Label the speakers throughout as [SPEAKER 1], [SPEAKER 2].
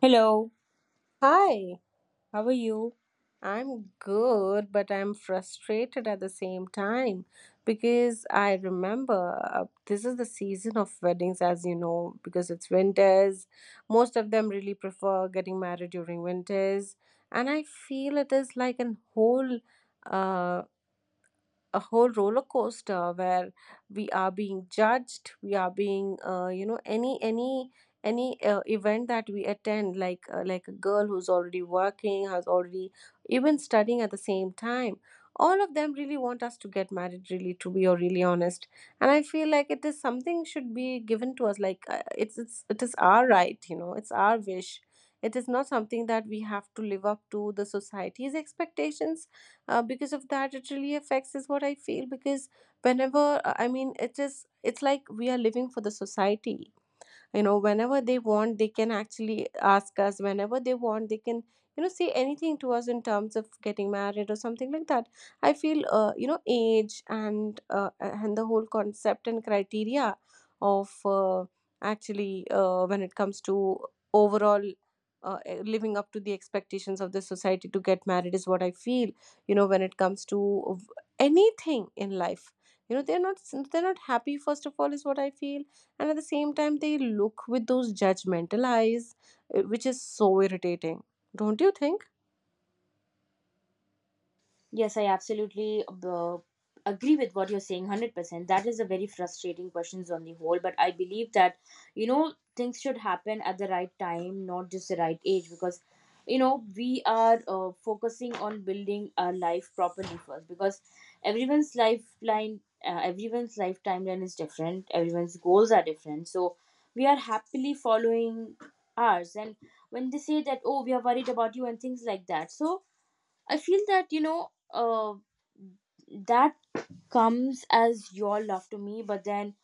[SPEAKER 1] Hello,
[SPEAKER 2] Hi,
[SPEAKER 1] how are you?
[SPEAKER 2] I'm good, but I'm frustrated at the same time because I remember this is the season of weddings, as you know, because it's winters. Most of them really prefer getting married during winters, and I feel it is like an whole uh, a whole roller coaster where we are being judged, we are being you know any event that we attend, like a girl who's already working, has already even studying at the same time, all of them really want us to get married, really to be or really honest. And I feel like it is something should be given to us, like it's it is our right, you know, it's our wish. It is not something that we have to live up to the society's expectations. Because of that, it really affects is what I feel, because whenever I mean, it's like we are living for the society, you know. Whenever they want, they can actually ask us. Whenever they want, they can, you know, say anything to us in terms of getting married or something like that. I feel you know, age and the whole concept and criteria of actually when it comes to overall living up to the expectations of the society to get married is what I feel, you know, when it comes to anything in life. You know, they're not, they're not happy first of all is what I feel, and at the same time they look with those judgmental eyes, which is so irritating, don't you think?
[SPEAKER 1] Yes, I absolutely agree with what you're saying 100%. That is a very frustrating questions on the whole, but I believe that you know things should happen at the right time, not just the right age. Because you know we are focusing on building our life properly first, because everyone's lifeline everyone's life timeline is different, everyone's goals are different. So we are happily following ours, and when they say that, oh, we are worried about you and things like that. So I feel that, you know, that comes as your love to me, but then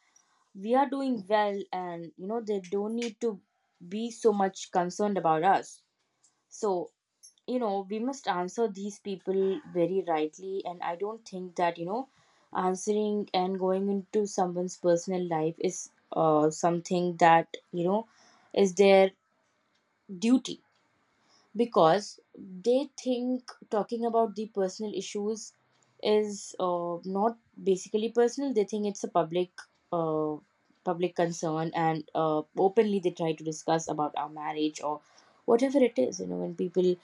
[SPEAKER 1] we are doing well, and, you know, they don't need to be so much concerned about us. So, you know, we must answer these people very rightly. And I don't think that, you know, answering and going into someone's personal life is something that, you know, is their duty, because they think talking about the personal issues is not basically personal, they think it's a public uh, public concern, and openly they try to discuss about our marriage or whatever it is. You know, when people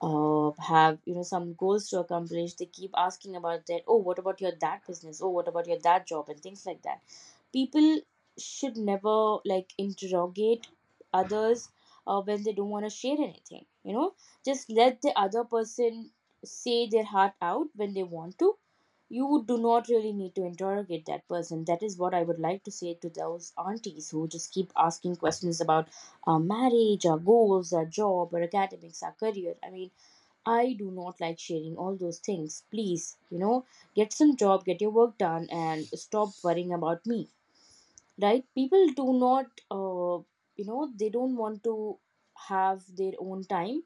[SPEAKER 1] have, you know, some goals to accomplish, they keep asking about that, oh, what about your that business, oh, what about your that job and things like that. People should never like interrogate others when they don't want to share anything, you know. Just let the other person say their heart out when they want to. You do not really need to interrogate that person. That is what I would like to say to those aunties who just keep asking questions about our marriage, our goals, our job, our academics, our career. I mean, I do not like sharing all those things. Please, you know, get some job, get your work done, and stop worrying about me. Right? People do not, you know, they don't want to have their own time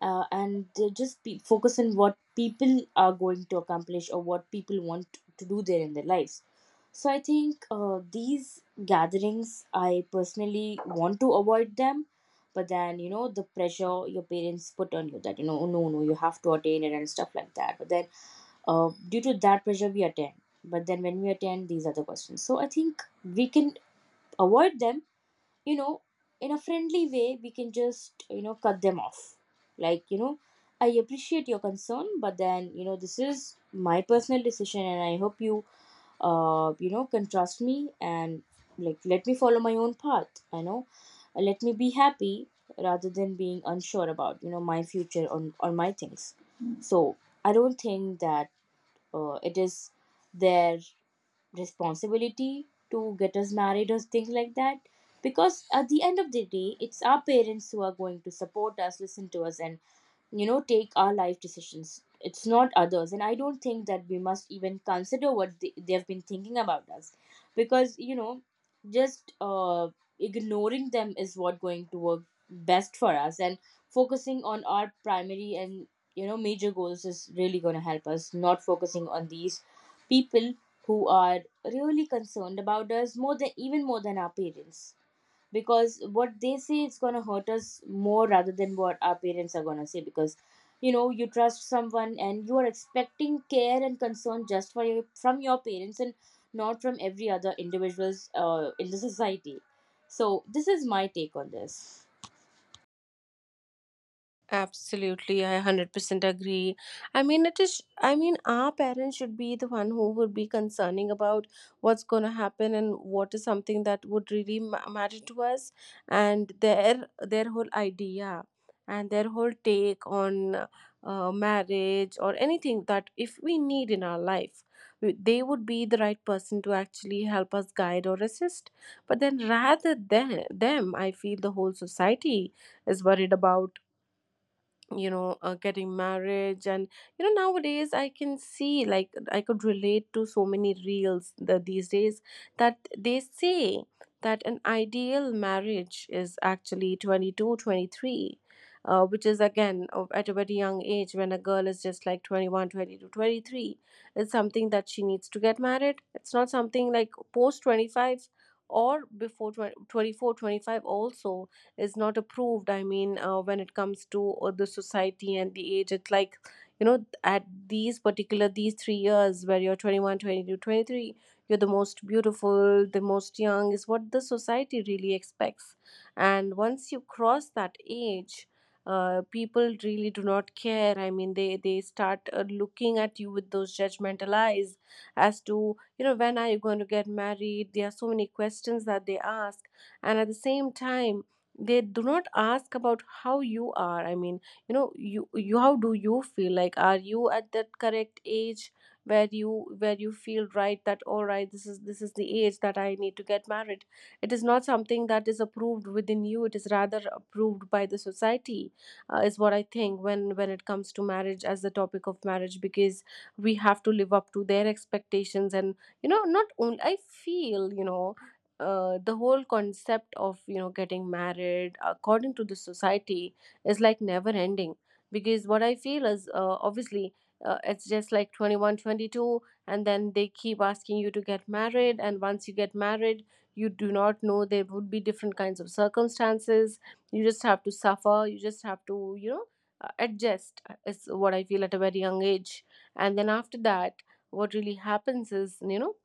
[SPEAKER 1] and just focus on what people are going to accomplish or what people want to do there in their lives. So I think these gatherings, I personally want to avoid them. But then, you know, the pressure your parents put on you that, you know, "Oh, no, no, you have to attain it" and stuff like that. But then, due to that pressure, we attend. But then, when we attend, these are the questions. So I think we can avoid them, you know. In a friendly way we can just, you know, cut them off, like, you know, I appreciate your concern, but then, you know, this is my personal decision, and I hope you you know can trust me, and like, let me follow my own path, you know. Let me be happy rather than being unsure about, you know, my future on my things. So I don't think that it is their responsibility to get us married or things like that, because at the end of the day, it's our parents who are going to support us, listen to us, and, you know, take our life decisions. It's not others. And I don't think that we must even consider what they've been thinking about us, because you know, just ignoring them is what going to work best for us, and focusing on our primary and, you know, major goals is really going to help us, not focusing on these people who are really concerned about us more than, even more than our parents, because what they say is going to hurt us more rather than what our parents are going to say. Because you know, you trust someone and you are expecting care and concern just for from your parents, and not from every other individuals in the society. So this is my take on this.
[SPEAKER 2] Absolutely, I 100% agree. I mean, it is, I mean, our parents should be the one who would be concerning about what's going to happen and what is something that would really matter to us, and their whole idea and their whole take on marriage or anything that if we need in our life, they would be the right person to actually help us guide or assist. But then, rather than them, I feel the whole society is worried about, you know, getting marriage. And you know, nowadays I can see, like, I could relate to so many reels these days, that they say that an ideal marriage is actually 22, 23, 23, which is again at a very young age, when a girl is just like 21, 22, 23 22 23. It's something that she needs to get married. It's not something like post 25, or before 20 24 25 also is not approved. I mean when it comes to the society and the age, it's like, you know, at these particular these 3 years where you're 20s, you're the most beautiful, the most young, is what the society really expects. And once you cross that age, people really do not care. I mean, they start looking at you with those judgmental eyes as to, you know, when are you going to get married. There are so many questions that they ask, and at the same time they do not ask about how you are. I mean, you know, you, how do you feel? Like, are you at that correct age where you, where you feel right, that all right, this is, this is the age that I need to get married? It is not something that is approved within you, it is rather approved by the society, is what I think when it comes to marriage, as the topic of marriage, because we have to live up to their expectations. And you know, not only, I feel, you know, the whole concept of, you know, getting married according to the society is like never ending, because what I feel is obviously it's just like 21, 22, and then they keep asking you to get married. And once you get married, you do not know, there would be different kinds of circumstances. You just have to suffer, you just have to, you know, adjust, is what I feel, at a very young age. And then, after that, what really happens is, you know,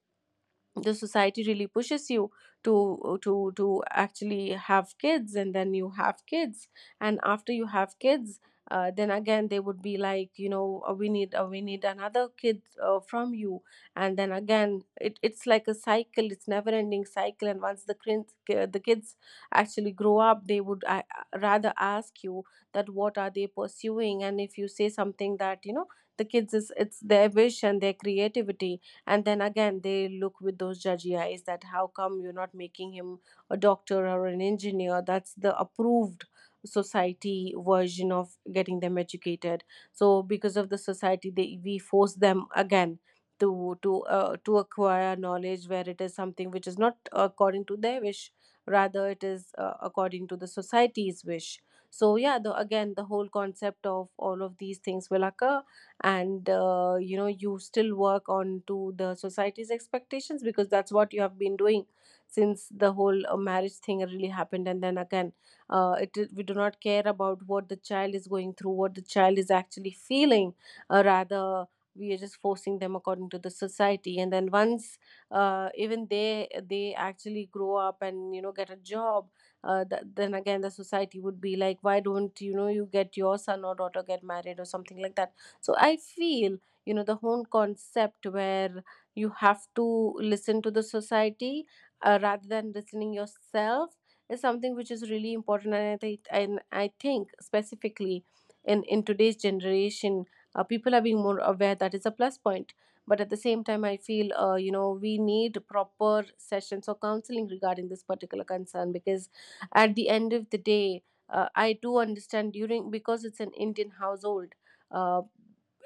[SPEAKER 2] the society really pushes you to actually have kids. And then you have kids, and after you have kids, then again they would be like, you know, we need another kid from you. And then again, it's like a cycle, it's never ending cycle. And once the kids, the kids actually grow up, they would rather ask you that what are they pursuing. And if you say something, that you know, the kids is, it's their wish and their creativity, and then again they look with those judgy eyes, that how come you're not making him a doctor or an engineer? That's the approved society version of getting them educated. So because of the society, they we force them again to acquire knowledge, where it is something which is not according to their wish, rather it is according to the society's wish. So yeah, the again, the whole concept of all of these things will occur. And you know, you still work on to the society's expectations, because that's what you have been doing since the whole marriage thing really happened. And then again, it, we do not care about what the child is going through, what the child is actually feeling, rather we are just forcing them according to the society. And then once even they actually grow up and, you know, get a job, then again the society would be like, why don't, you know, you get your son or daughter get married or something like that. So I feel, you know, the whole concept where you have to listen to the society rather than listening yourself is something which is really important. And I think specifically in today's generation, people are being more aware, that is a plus point, but at the same time I feel, you know, we need proper sessions or counseling regarding this particular concern, because at the end of the day, I do understand, during, because it's an Indian household, uh,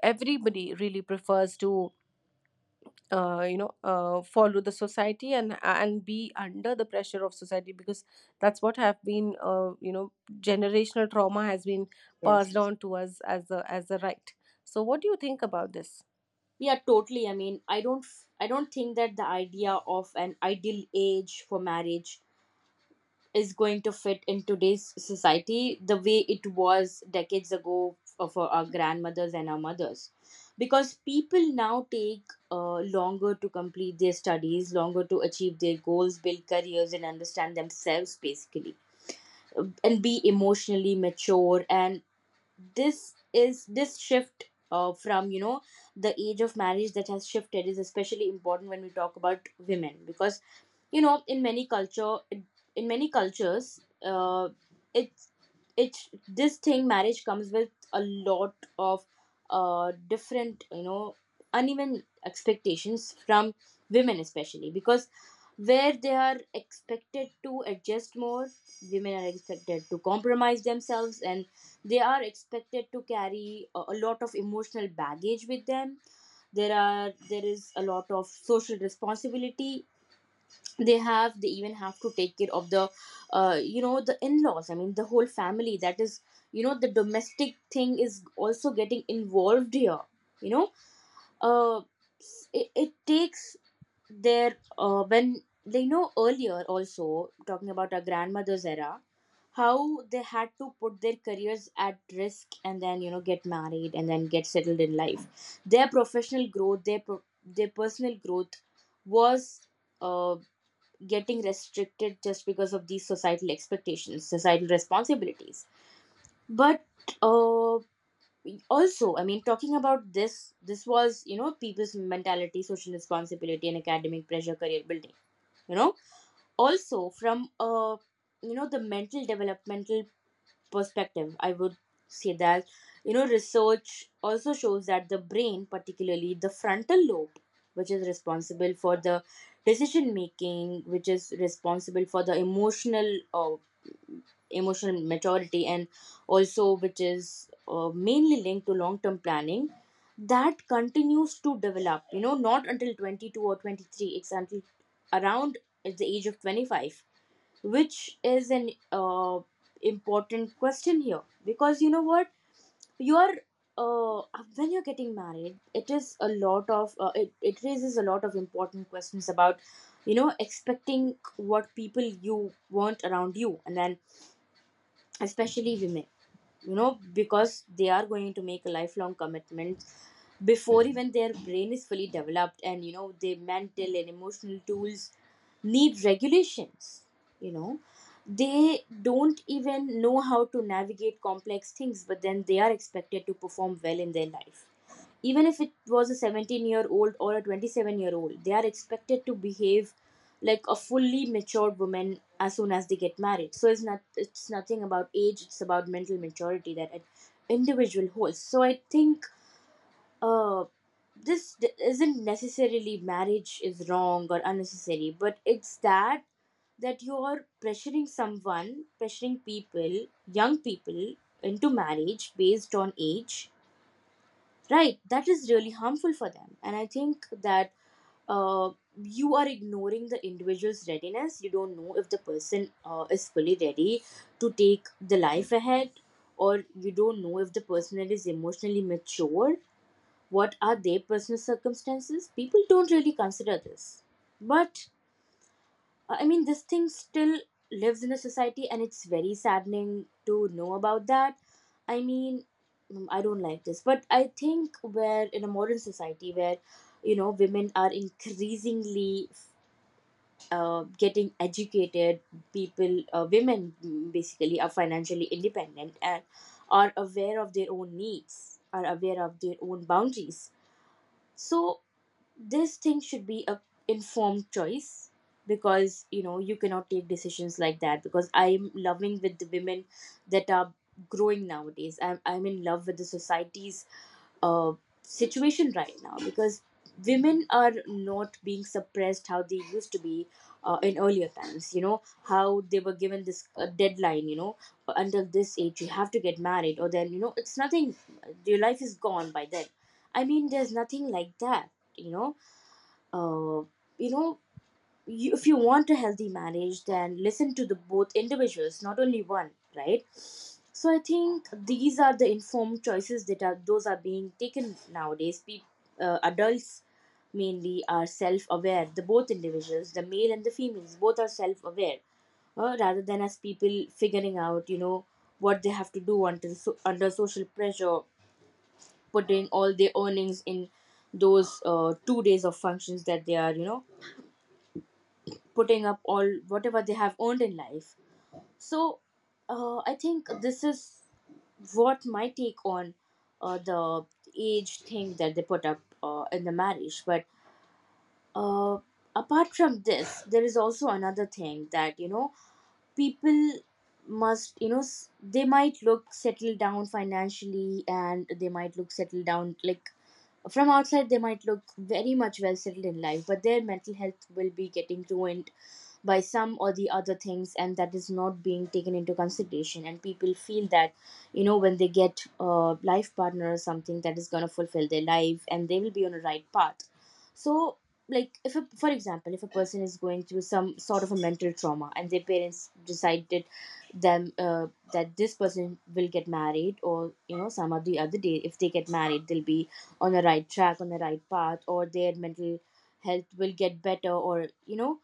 [SPEAKER 2] everybody really prefers to follow the society and be under the pressure of society, because that's what have been, you know, generational trauma has been
[SPEAKER 1] Yes.
[SPEAKER 2] passed on to us as a right. So what do you think about this?
[SPEAKER 1] Yeah, totally. I mean, I don't think that the idea of an ideal age for marriage is going to fit in today's society the way it was decades ago, for our grandmothers and our mothers, because people now take longer to complete their studies, longer to achieve their goals, build careers, and understand themselves basically. And be emotionally mature. And this shift, from, you know, the age of marriage that has shifted, is especially important when we talk about women, because you know, in many cultures, it's it's this thing, marriage comes with a lot of different, you know, uneven expectations from women especially, because where they are expected to adjust more, women are expected to compromise themselves, and they are expected to carry a lot of emotional baggage with them. There is a lot of social responsibility they have. They even have to take care of the you know, the in-laws, I mean, the whole family. That is, you know, the domestic thing is also getting involved here, you know. uh, it takes their when they know, earlier also, talking about our grandmother's era, how they had to put their careers at risk and then, you know, get married and then get settled in life. Their professional growth, their personal growth was uh, getting restricted just because of these societal expectations, societal responsibilities. But uh, also, I mean, talking about this, this was, you know, people's mentality, social responsibility, and academic pressure, career building. You know, also from, you know, the mental developmental perspective, I would say that, you know, research also shows that the brain, particularly the frontal lobe, which is responsible for the decision making, which is responsible for the emotional emotional maturity, and also which is mainly linked to long term planning, that continues to develop, you know, not until 22 or 23, it's until around at the age of 25, which is an important question here, because you know what, you are, uh, when you're getting married, it is a lot of it raises a lot of important questions about, you know, expecting what people you want around you, and then especially women, you know, because they are going to make a lifelong commitment before even their brain is fully developed. And you know, their mental and emotional tools need regulations, you know. They don't even know how to navigate complex things, but then they are expected to perform well in their life. Even if it was a 17-year-old or a 27-year-old, they are expected to behave like a fully matured woman as soon as they get married. So it's not, it's nothing about age, it's about mental maturity that an individual holds. So I think uh isn't necessarily marriage is wrong or unnecessary, but it's that you're pressuring someone, pressuring people, young people, into marriage based on age. Right, that is really harmful for them. And I think that uh, you are ignoring the individual's readiness. You don't know if the person is fully ready to take the life ahead, or you don't know if the person is emotionally mature. What are their personal circumstances? People don't really consider this. But I mean, this thing still lives in a society, and it's very saddening to know about that. I mean, I don't like this, but I think we're in a modern society where, you know, women are increasingly getting educated. People, women, basically, are financially independent, and are aware of their own needs, are aware of their own boundaries. So this thing should be a informed choice, because you know, you cannot take decisions like that. Because I'm loving with the women that are growing nowadays, I'm in love with the society's uh, situation right now, because women are not being suppressed how they used to be in earlier times. You know how they were given this deadline, you know, until this age you have to get married, or then you know, it's nothing, your life is gone by then. I mean, there's nothing like that, you know. uh, you know, if you want a healthy marriage, then listen to the both individuals, not only one, right? So I think these are the informed choices that are, those are being taken nowadays. People, adults mainly, are self-aware. The both individuals, the male and the females, both are self-aware, rather than as people figuring out, you know, what they have to do until, so, under social pressure, putting all their earnings in those 2 days of functions that they are, you know, putting up all whatever they have earned in life. So I think this is what my take on the age thing that they put up in the marriage. But uh, apart from this, there is also another thing that people must they might look settled down financially, and they might look settled down like from outside. They might look very much well settled in life, but their mental health will be getting ruined by some or the other things, and that is not being taken into consideration. And people feel that you know, when they get a life partner or something, that is going to fulfill their life and they will be on a right path. So, like if a, for example, if a person is going through some sort of a mental trauma and their parents decided them, that this person will get married, or you know, some of the other day if they get married, they'll be on the right track, on the right path, or their mental health will get better, or you know,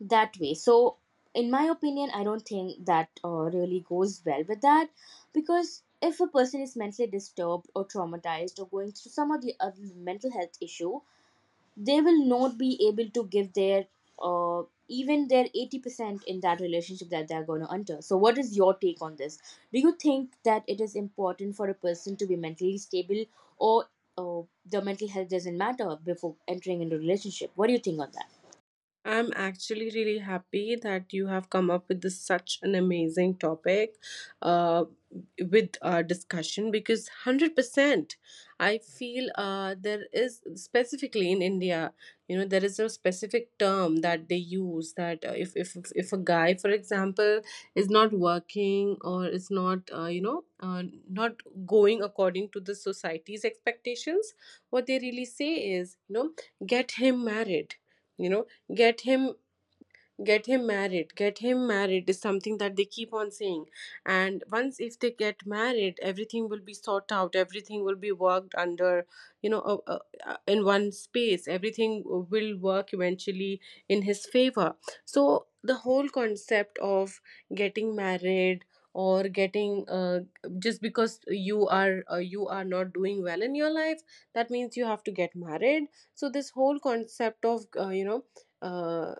[SPEAKER 1] that way. So in my opinion, I don't think that really goes well with that, because if a person is mentally disturbed or traumatized or going through some of the other mental health issue, they will not be able to give their even their 80% in that relationship that they're going to enter. So, what is your take on this? Do you think that it is important for a person to be mentally stable, or the mental health doesn't matter before entering into a relationship? What do you think on that?
[SPEAKER 2] I'm actually really happy that you have come up with this, such an amazing topic, uh, with our discussion, because 100% I feel there is, specifically in India, you know, there is a specific term that they use, that if a guy, for example, is not working, or is not, not going according to the society's expectations, what they really say is, you know, get him married, you know, get him get him married, get him married is something that they keep on saying. And once if they get married, everything will be sought out, everything will be worked under, you know, in one space, everything will work eventually in his favor. So the whole concept of getting married or getting, just because you are, you are not doing well in your life, that means you have to get married. So this whole concept of, uh,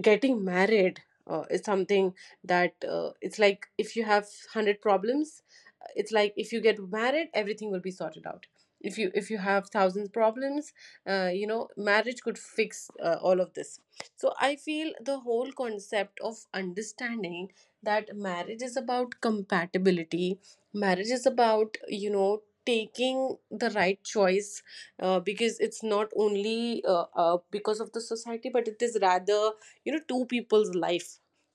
[SPEAKER 2] getting married, is something that, it's like, if you have 100 problems, it's like, if you get married, everything will be sorted out. If you, if you have thousands problems, you know, marriage could fix all of this. So I feel the whole concept of understanding that marriage is about compatibility, marriage is about, you know, taking the right choice, because it's not only, because of the society, but it is rather, you know, two people's life,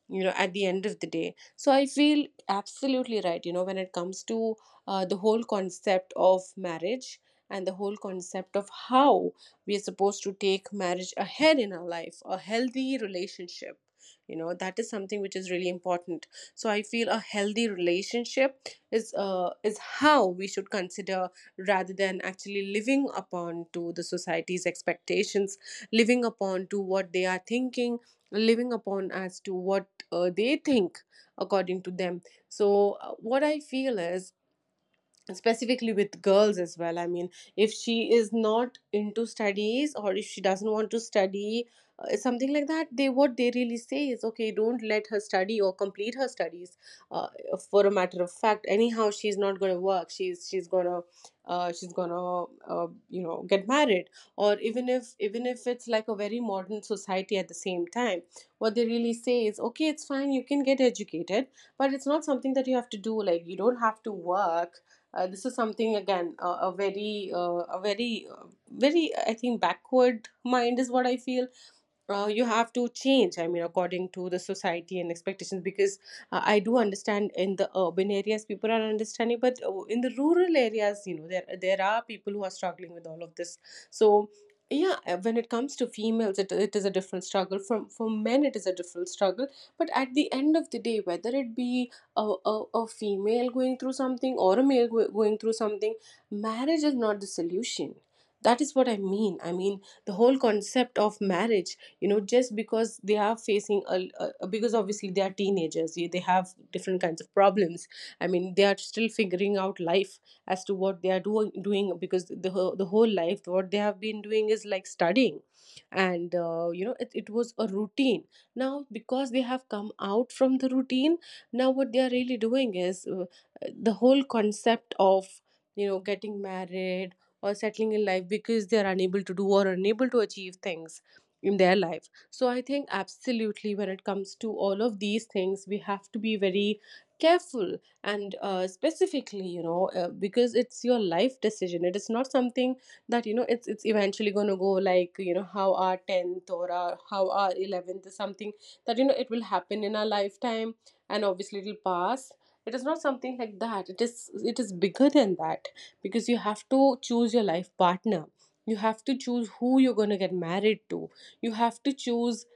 [SPEAKER 2] you know, at the end of the day. So I feel absolutely right, you know, when it comes to the whole concept of marriage, and the whole concept of how we are supposed to take marriage ahead in our life, a healthy relationship, you know, that is something which is really important. So I feel a healthy relationship is how we should consider, rather than actually living upon to the society's expectations, living upon to what they are thinking, living upon as to what they think, according to them. So what I feel is, specifically with girls as well, I mean, if she is not into studies, or if she doesn't want to study, something like that, they, what they really Say is okay, don't let her study or complete her studies, uh, for a matter of fact anyhow she's not going to work, she's going to she's going to get married. Or even if it's like a very modern society, at the same time what they really say is okay it's fine, you can get educated, but it's not something that you have to do, like you don't have to work. This is something again, a very very, I think, backward mind is what I feel. You have to change, I mean, according to the society and expectations, because I do understand in the urban areas people are understanding, but in the rural areas, you know, there are people who are struggling with all of this. So, yeah. When it comes to females, it is a different struggle, from for men it is a different struggle. But at the end of the day, whether it be a female going through something, or a male going through something, marriage is not the solution. That is what I mean, I mean the whole concept of marriage. You know, just because they are facing a because obviously they are teenagers, they have different kinds of problems. I mean they are still figuring out life, as to what they are doing, because the whole life what they have been doing is like studying. And you know, it was a routine. Now because they have come out from the routine, now what they are really doing is the whole concept of, you know, getting married or settling in life, because they are unable to do or unable to achieve things in their life. So I think absolutely, when it comes to all of these things, we have to be very careful. And specifically, you know, because it's your life decision, it is not something that, you know, it's eventually going to go, like you know how our 10th or our, how our 11th is something that, you know, it will happen in our lifetime and obviously it'll pass. It is not something like that, it is, it is bigger than that. Because you have to choose your life partner, you have to choose who you're going to get married to, you have to choose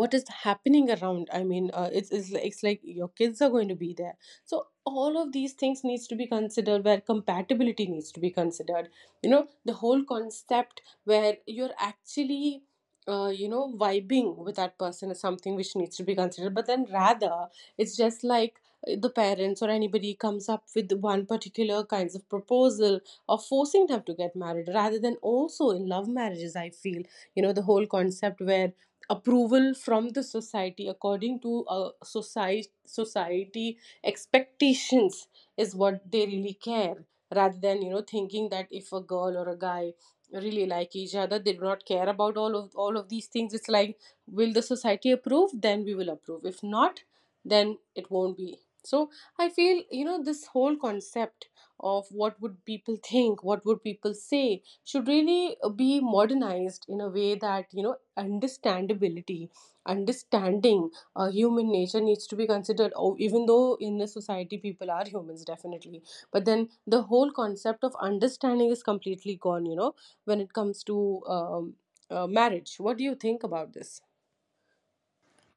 [SPEAKER 2] what is happening around. I mean, it's like your kids are going to be there. So all of these things needs to be considered, where compatibility needs to be considered. You know, the whole concept where you're actually, you know, vibing with that person is something which needs to be considered. But then rather, it's just like the parents or anybody comes up with one particular kinds of proposal or forcing them to get married. Rather than, also in love marriages I feel, you know, the whole concept where approval from the society according to society expectations is what they really care, rather than, you know, thinking that if a girl or a guy really like each other, they do not care about all of these things. It's like, will the society approve, then we will approve, if not then it won't be. So I feel, you know, this whole concept of what would people think, what would people say, should really be modernized in a way that, you know, understandability, understanding human nature needs to be considered. Oh, even though in a society people are humans definitely, but then the whole concept of understanding is completely gone, you know, when it comes to marriage. What do you think about this?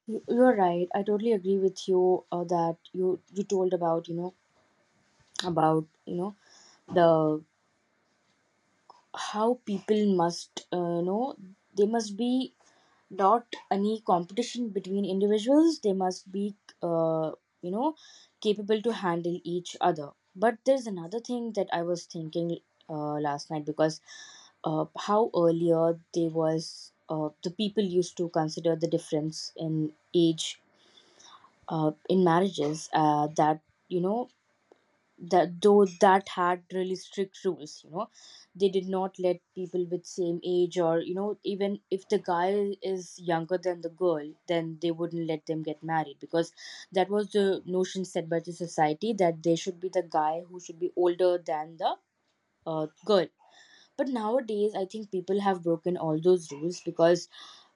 [SPEAKER 1] You're right. I totally agree with you, that you told about you know, about you know, the how people must, you know, they must be not any competition between individuals. They must be uh, you know capable to handle each other. But there's another thing that I was thinking last night, because how earlier there was the people used to consider the difference in age in marriages, that you know, that though that had really strict rules, you know, they did not let people with same age, or you know, even if the guy is younger than the girl, then they wouldn't let them get married, because that was the notion set by the society that there should be the guy who should be older than the, girl. But nowadays I think people have broken all those rules because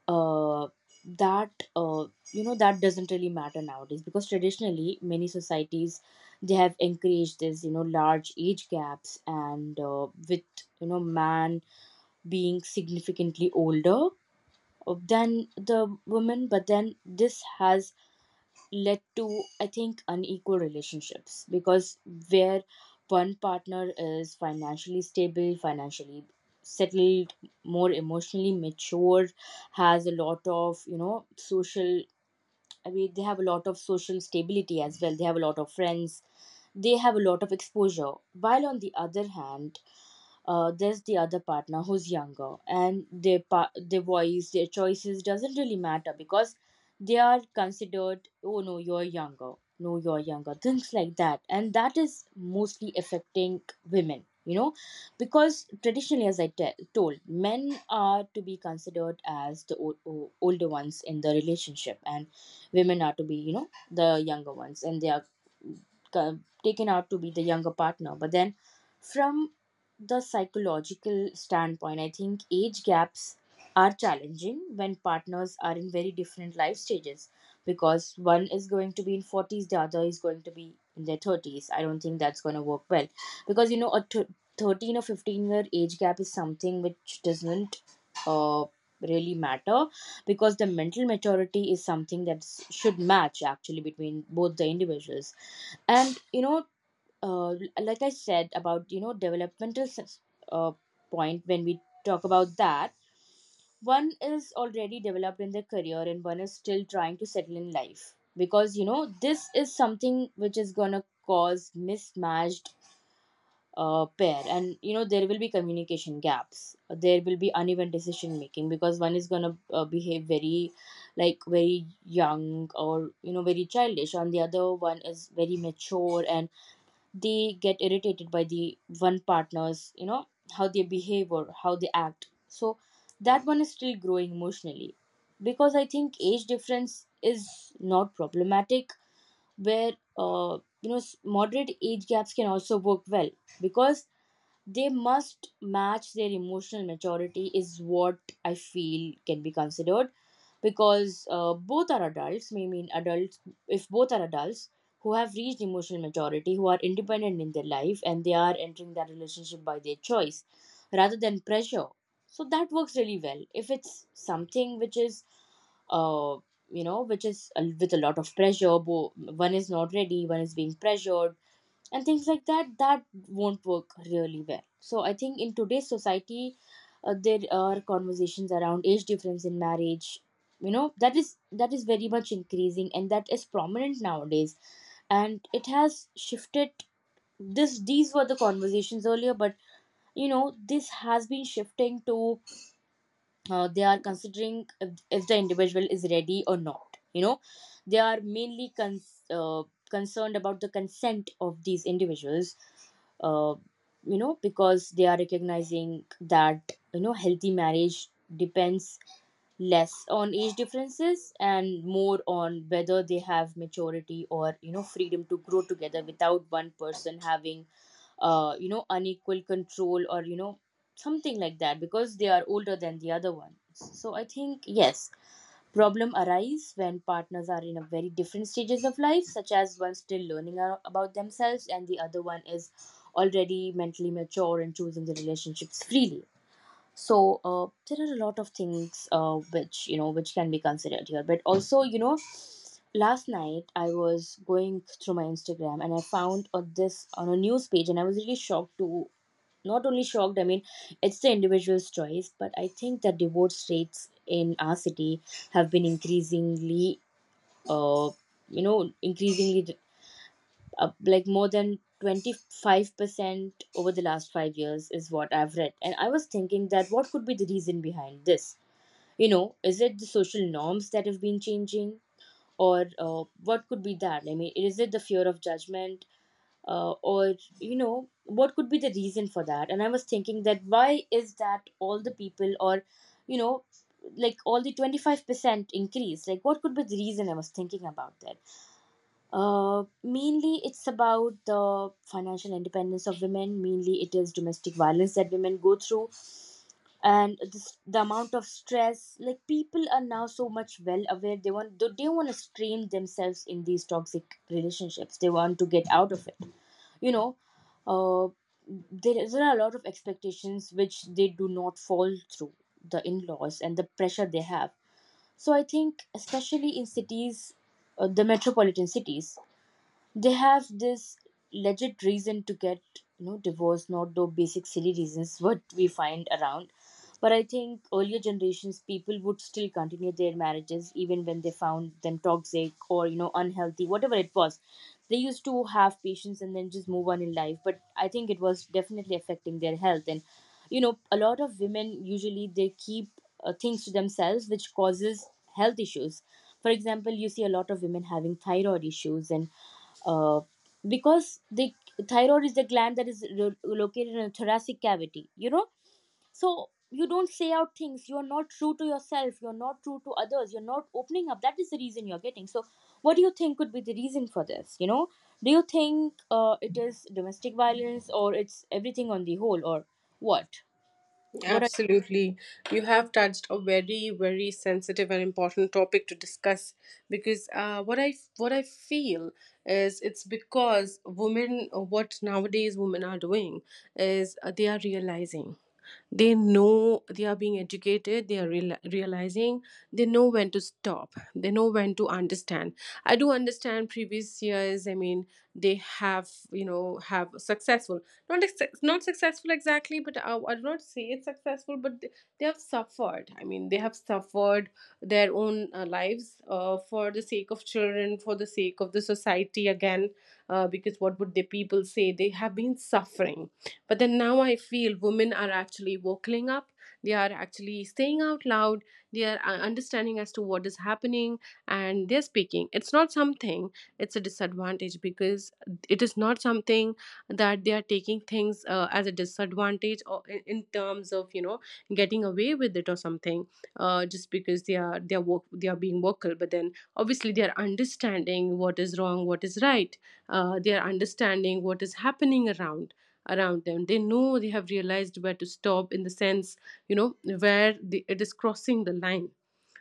[SPEAKER 1] uh, that you know, that doesn't really matter nowadays, because traditionally many societies, they have encouraged this, you know, large age gaps, and with you know, man being significantly older than the woman. But then this has led to, I think, unequal relationships, because where one partner is financially stable, financially settled, more emotionally mature, has a lot of you know, social, I mean, they have a lot of social stability as well. They have a lot of friends. They have a lot of exposure. While on the other hand, there's the other partner who's younger, and their voice, their choices doesn't really matter, because they are considered, oh no, you're younger, no, you're younger, things like that, and that is mostly affecting women. You know, because traditionally, as I told, men are to be considered as the older ones in the relationship, and women are to be, you know, the younger ones, and they are ca- taken out to be the younger partner. But then, from the psychological standpoint, I think age gaps are challenging when partners are in very different life stages, because one is going to be in 40s, the other is going to be in their 30s. I don't think that's going to work well because you know, 13 or 15-year age gap is something which doesn't uh, really matter, because the mental maturity is something that should match actually between both the individuals. And you know, uh, like I said about you know, uh, point, when we talk about that, one is already developed in their career and one is still trying to settle in life. Because you know, this is something which is going to cause mismatched pair, and you know, there will be communication gaps, there will be uneven decision making, because one is going to behave very, like very young, or you know, very childish, and the other one is very mature, and they get irritated by the one partner's, you know, how they behave or how they act. So that one is still growing emotionally, because I think age difference is not problematic, where moderate age gaps can also work well, because they must match. Their emotional maturity is what I feel can be considered, because both are adults, may mean adults. If both are adults who have reached emotional maturity, who are independent in their life, and they are entering that relationship by their choice rather than pressure, so that works really well. If it's something which is uh, which is with a lot of pressure, one is not ready, one is being pressured, and things like that, that won't work really well. So I think in today's society, there are conversations around age difference in marriage, you know, that is very much increasing, and that is prominent nowadays. And it has shifted. This these were the conversations earlier, but you know, this has been shifting to, they are considering if the individual is ready or not. You know, they are mainly concerned about the consent of these individuals, uh, you know, because they are recognizing that you know, healthy marriage depends less on age differences and more on whether they have maturity, or you know, freedom to grow together without one person having you know, unequal control, or you know, something like that, because they are older than the other ones. So I think yes, problem arise when partners are in a very different stages of life, such as one still learning about themselves, and the other one is already mentally mature and choosing the relationships freely. So there are a lot of things which you know, which can be considered here. But also, you know, last night I was going through my Instagram, and I found this on a news page, and I was really shocked to, not only shocked, I mean, it's the individual's choice, but I think that divorce rates in our city have been increasingly, uh, you know, increasingly up, like more than 25% over the last 5 years is what I've read. And I was thinking, that what could be the reason behind this? You know, is it the social norms that have been changing? Or what could be that? I mean, is it the fear of judgment? Or, you know, what could be the reason for that? And I was thinking, that why is that all the people, or you know, like all the 25% increase? Like, what could be the reason? I was thinking about that. Mainly, it's about the financial independence of women. Mainly, it is domestic violence that women go through, and this, the amount of stress. Like people are now so much well aware. They don't want to strain themselves in these toxic relationships. They want to get out of it. You know, uh, there are a lot of expectations which they do not fall through. The in laws, and the pressure they have. So I think, especially in cities, the metropolitan cities, they have this legit reason to get, you know, divorced, not the basic silly reasons what we find around. But I think earlier generations, people would still continue their marriages even when they found them toxic, or you know, unhealthy, whatever it was. They used to have patience, and then just move on in life. But I think it was definitely affecting their health. And you know, a lot of women usually they keep things to themselves, which causes health issues. For example, you see a lot of women having thyroid issues, and uh, because the thyroid is the gland that is located in the thoracic cavity, you know. So you don't say out things, you're not true to yourself, you're not true to others, you're not opening up, that is the reason you're getting so. What do you think could be the reason for this? You know, do you think it is domestic violence, or it's everything on the whole, or what what are,
[SPEAKER 2] Absolutely. You have touched a very, very sensitive and important topic to discuss, because what I feel is, it's because women, what nowadays women are doing is they are realizing, they know, they are being educated, they are realizing, they know when to stop, they know when to understand. I do understand previous years, I mean, they have, you know, have successful, not successful exactly, but I do not say it's successful, but they have suffered. I mean they have suffered their own lives for the sake of children, for the sake of the society, again because what would the people say, they have been suffering. But then now I feel women are actually wokeling up. They are actually saying out loud. They are understanding as to what is happening, and they're speaking. It's not something, it's a disadvantage, because it is not something that they are taking things as a disadvantage, or in terms of, you know, getting away with it or something, just because they are they are being vocal. But then obviously they are understanding what is wrong, what is right. They are understanding what is happening around them. They know, they have realized where to stop, in the sense, you know, where it is crossing the line.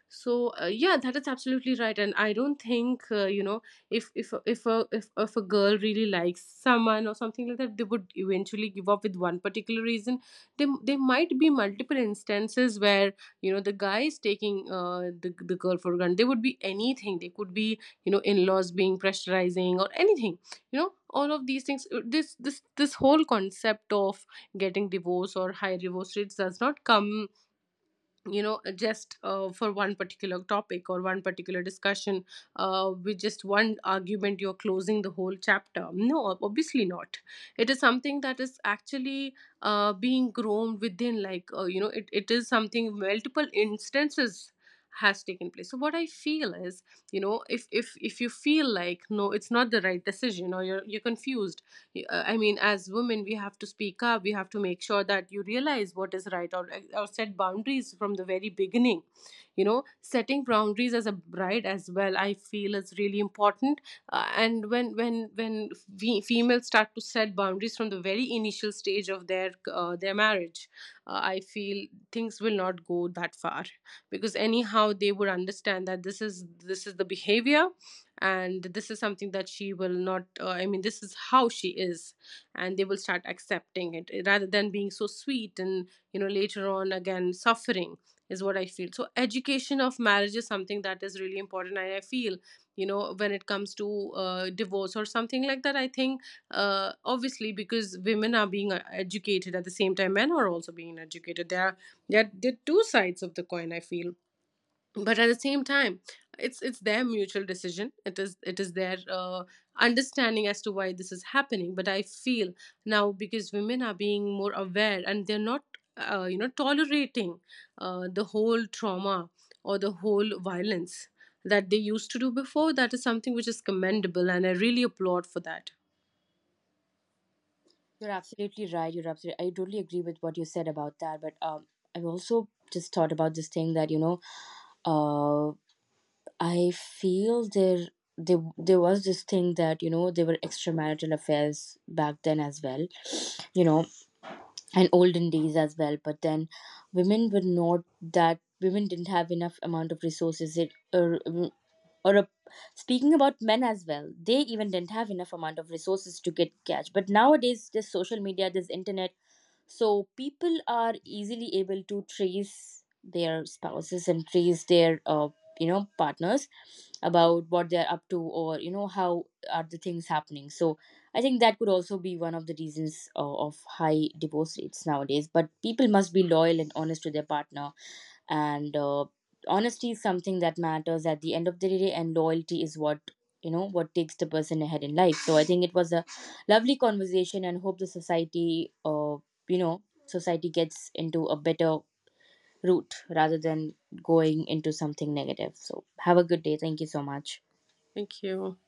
[SPEAKER 2] So yeah, that is absolutely right. And I don't think, you know, if a girl really likes someone or something like that, they would eventually give up with one particular reason. There might be multiple instances where, you know, the guy is taking the girl for granted. They would be anything, they could be, you know, in-laws being pressurizing or anything. You know, all of these things, this whole concept of getting divorce or high divorce rates does not come, you know, just for one particular topic or one particular discussion, with just one argument you're closing the whole chapter. No, obviously not. It is something that is actually being grown within, like you know, it is something, multiple instances has taken place. So what I feel is, you know, if you feel like no it's not the right decision, or you're confused, I mean, as women we have to speak up, we have to make sure that you realize what is right, or set boundaries from the very beginning. You know, setting boundaries as a bride as well I feel is really important. And when we females start to set boundaries from the very initial stage of their marriage, I feel things will not go that far. Because anyhow they would understand that this is, this is the behavior, and this is something that she will not, I mean, this is how she is, and they will start accepting it, eh, rather than being so sweet and, you know, later on again suffering, is what I feel. So education of marriage is something that is really important. And I feel, you know, when it comes to divorce or something like that, I think obviously because women are being educated, at the same time men are also being educated, there are two sides of the coin I feel. But at the same time, it's their mutual decision, it is, it is their understanding as to why this is happening. But I feel now because women are being more aware, and they're not you know, tolerating the whole trauma or the whole violence that they used to do before, that is something which is commendable, and I really applaud for that.
[SPEAKER 1] you're absolutely right, you're absolutely, I totally agree with what you said about that. But um, I've also just thought about this thing that you know. uh. I feel there, there was this thing that you know, there were extramarital affairs back then as well, you know, and olden days as well. But then women were not, that women didn't have enough amount of resources. It, or speaking about men as well, they even didn't have enough amount of resources to get catch. But nowadays, there's social media, there's internet, so people are easily able to trace their spouses and trace their, you know, partners, about what they're up to, or you know, how are the things happening. So I think that could also be one of the reasons, of high divorce rates nowadays. But people must be loyal and honest to their partner. And honesty is something that matters at the end of the day, and loyalty is what, you know, what takes the person ahead in life. So I think it was a lovely conversation, and hope the society, you know, society gets into a better route, rather than going into something negative. So, have a good day. Thank you so much.
[SPEAKER 2] Thank you.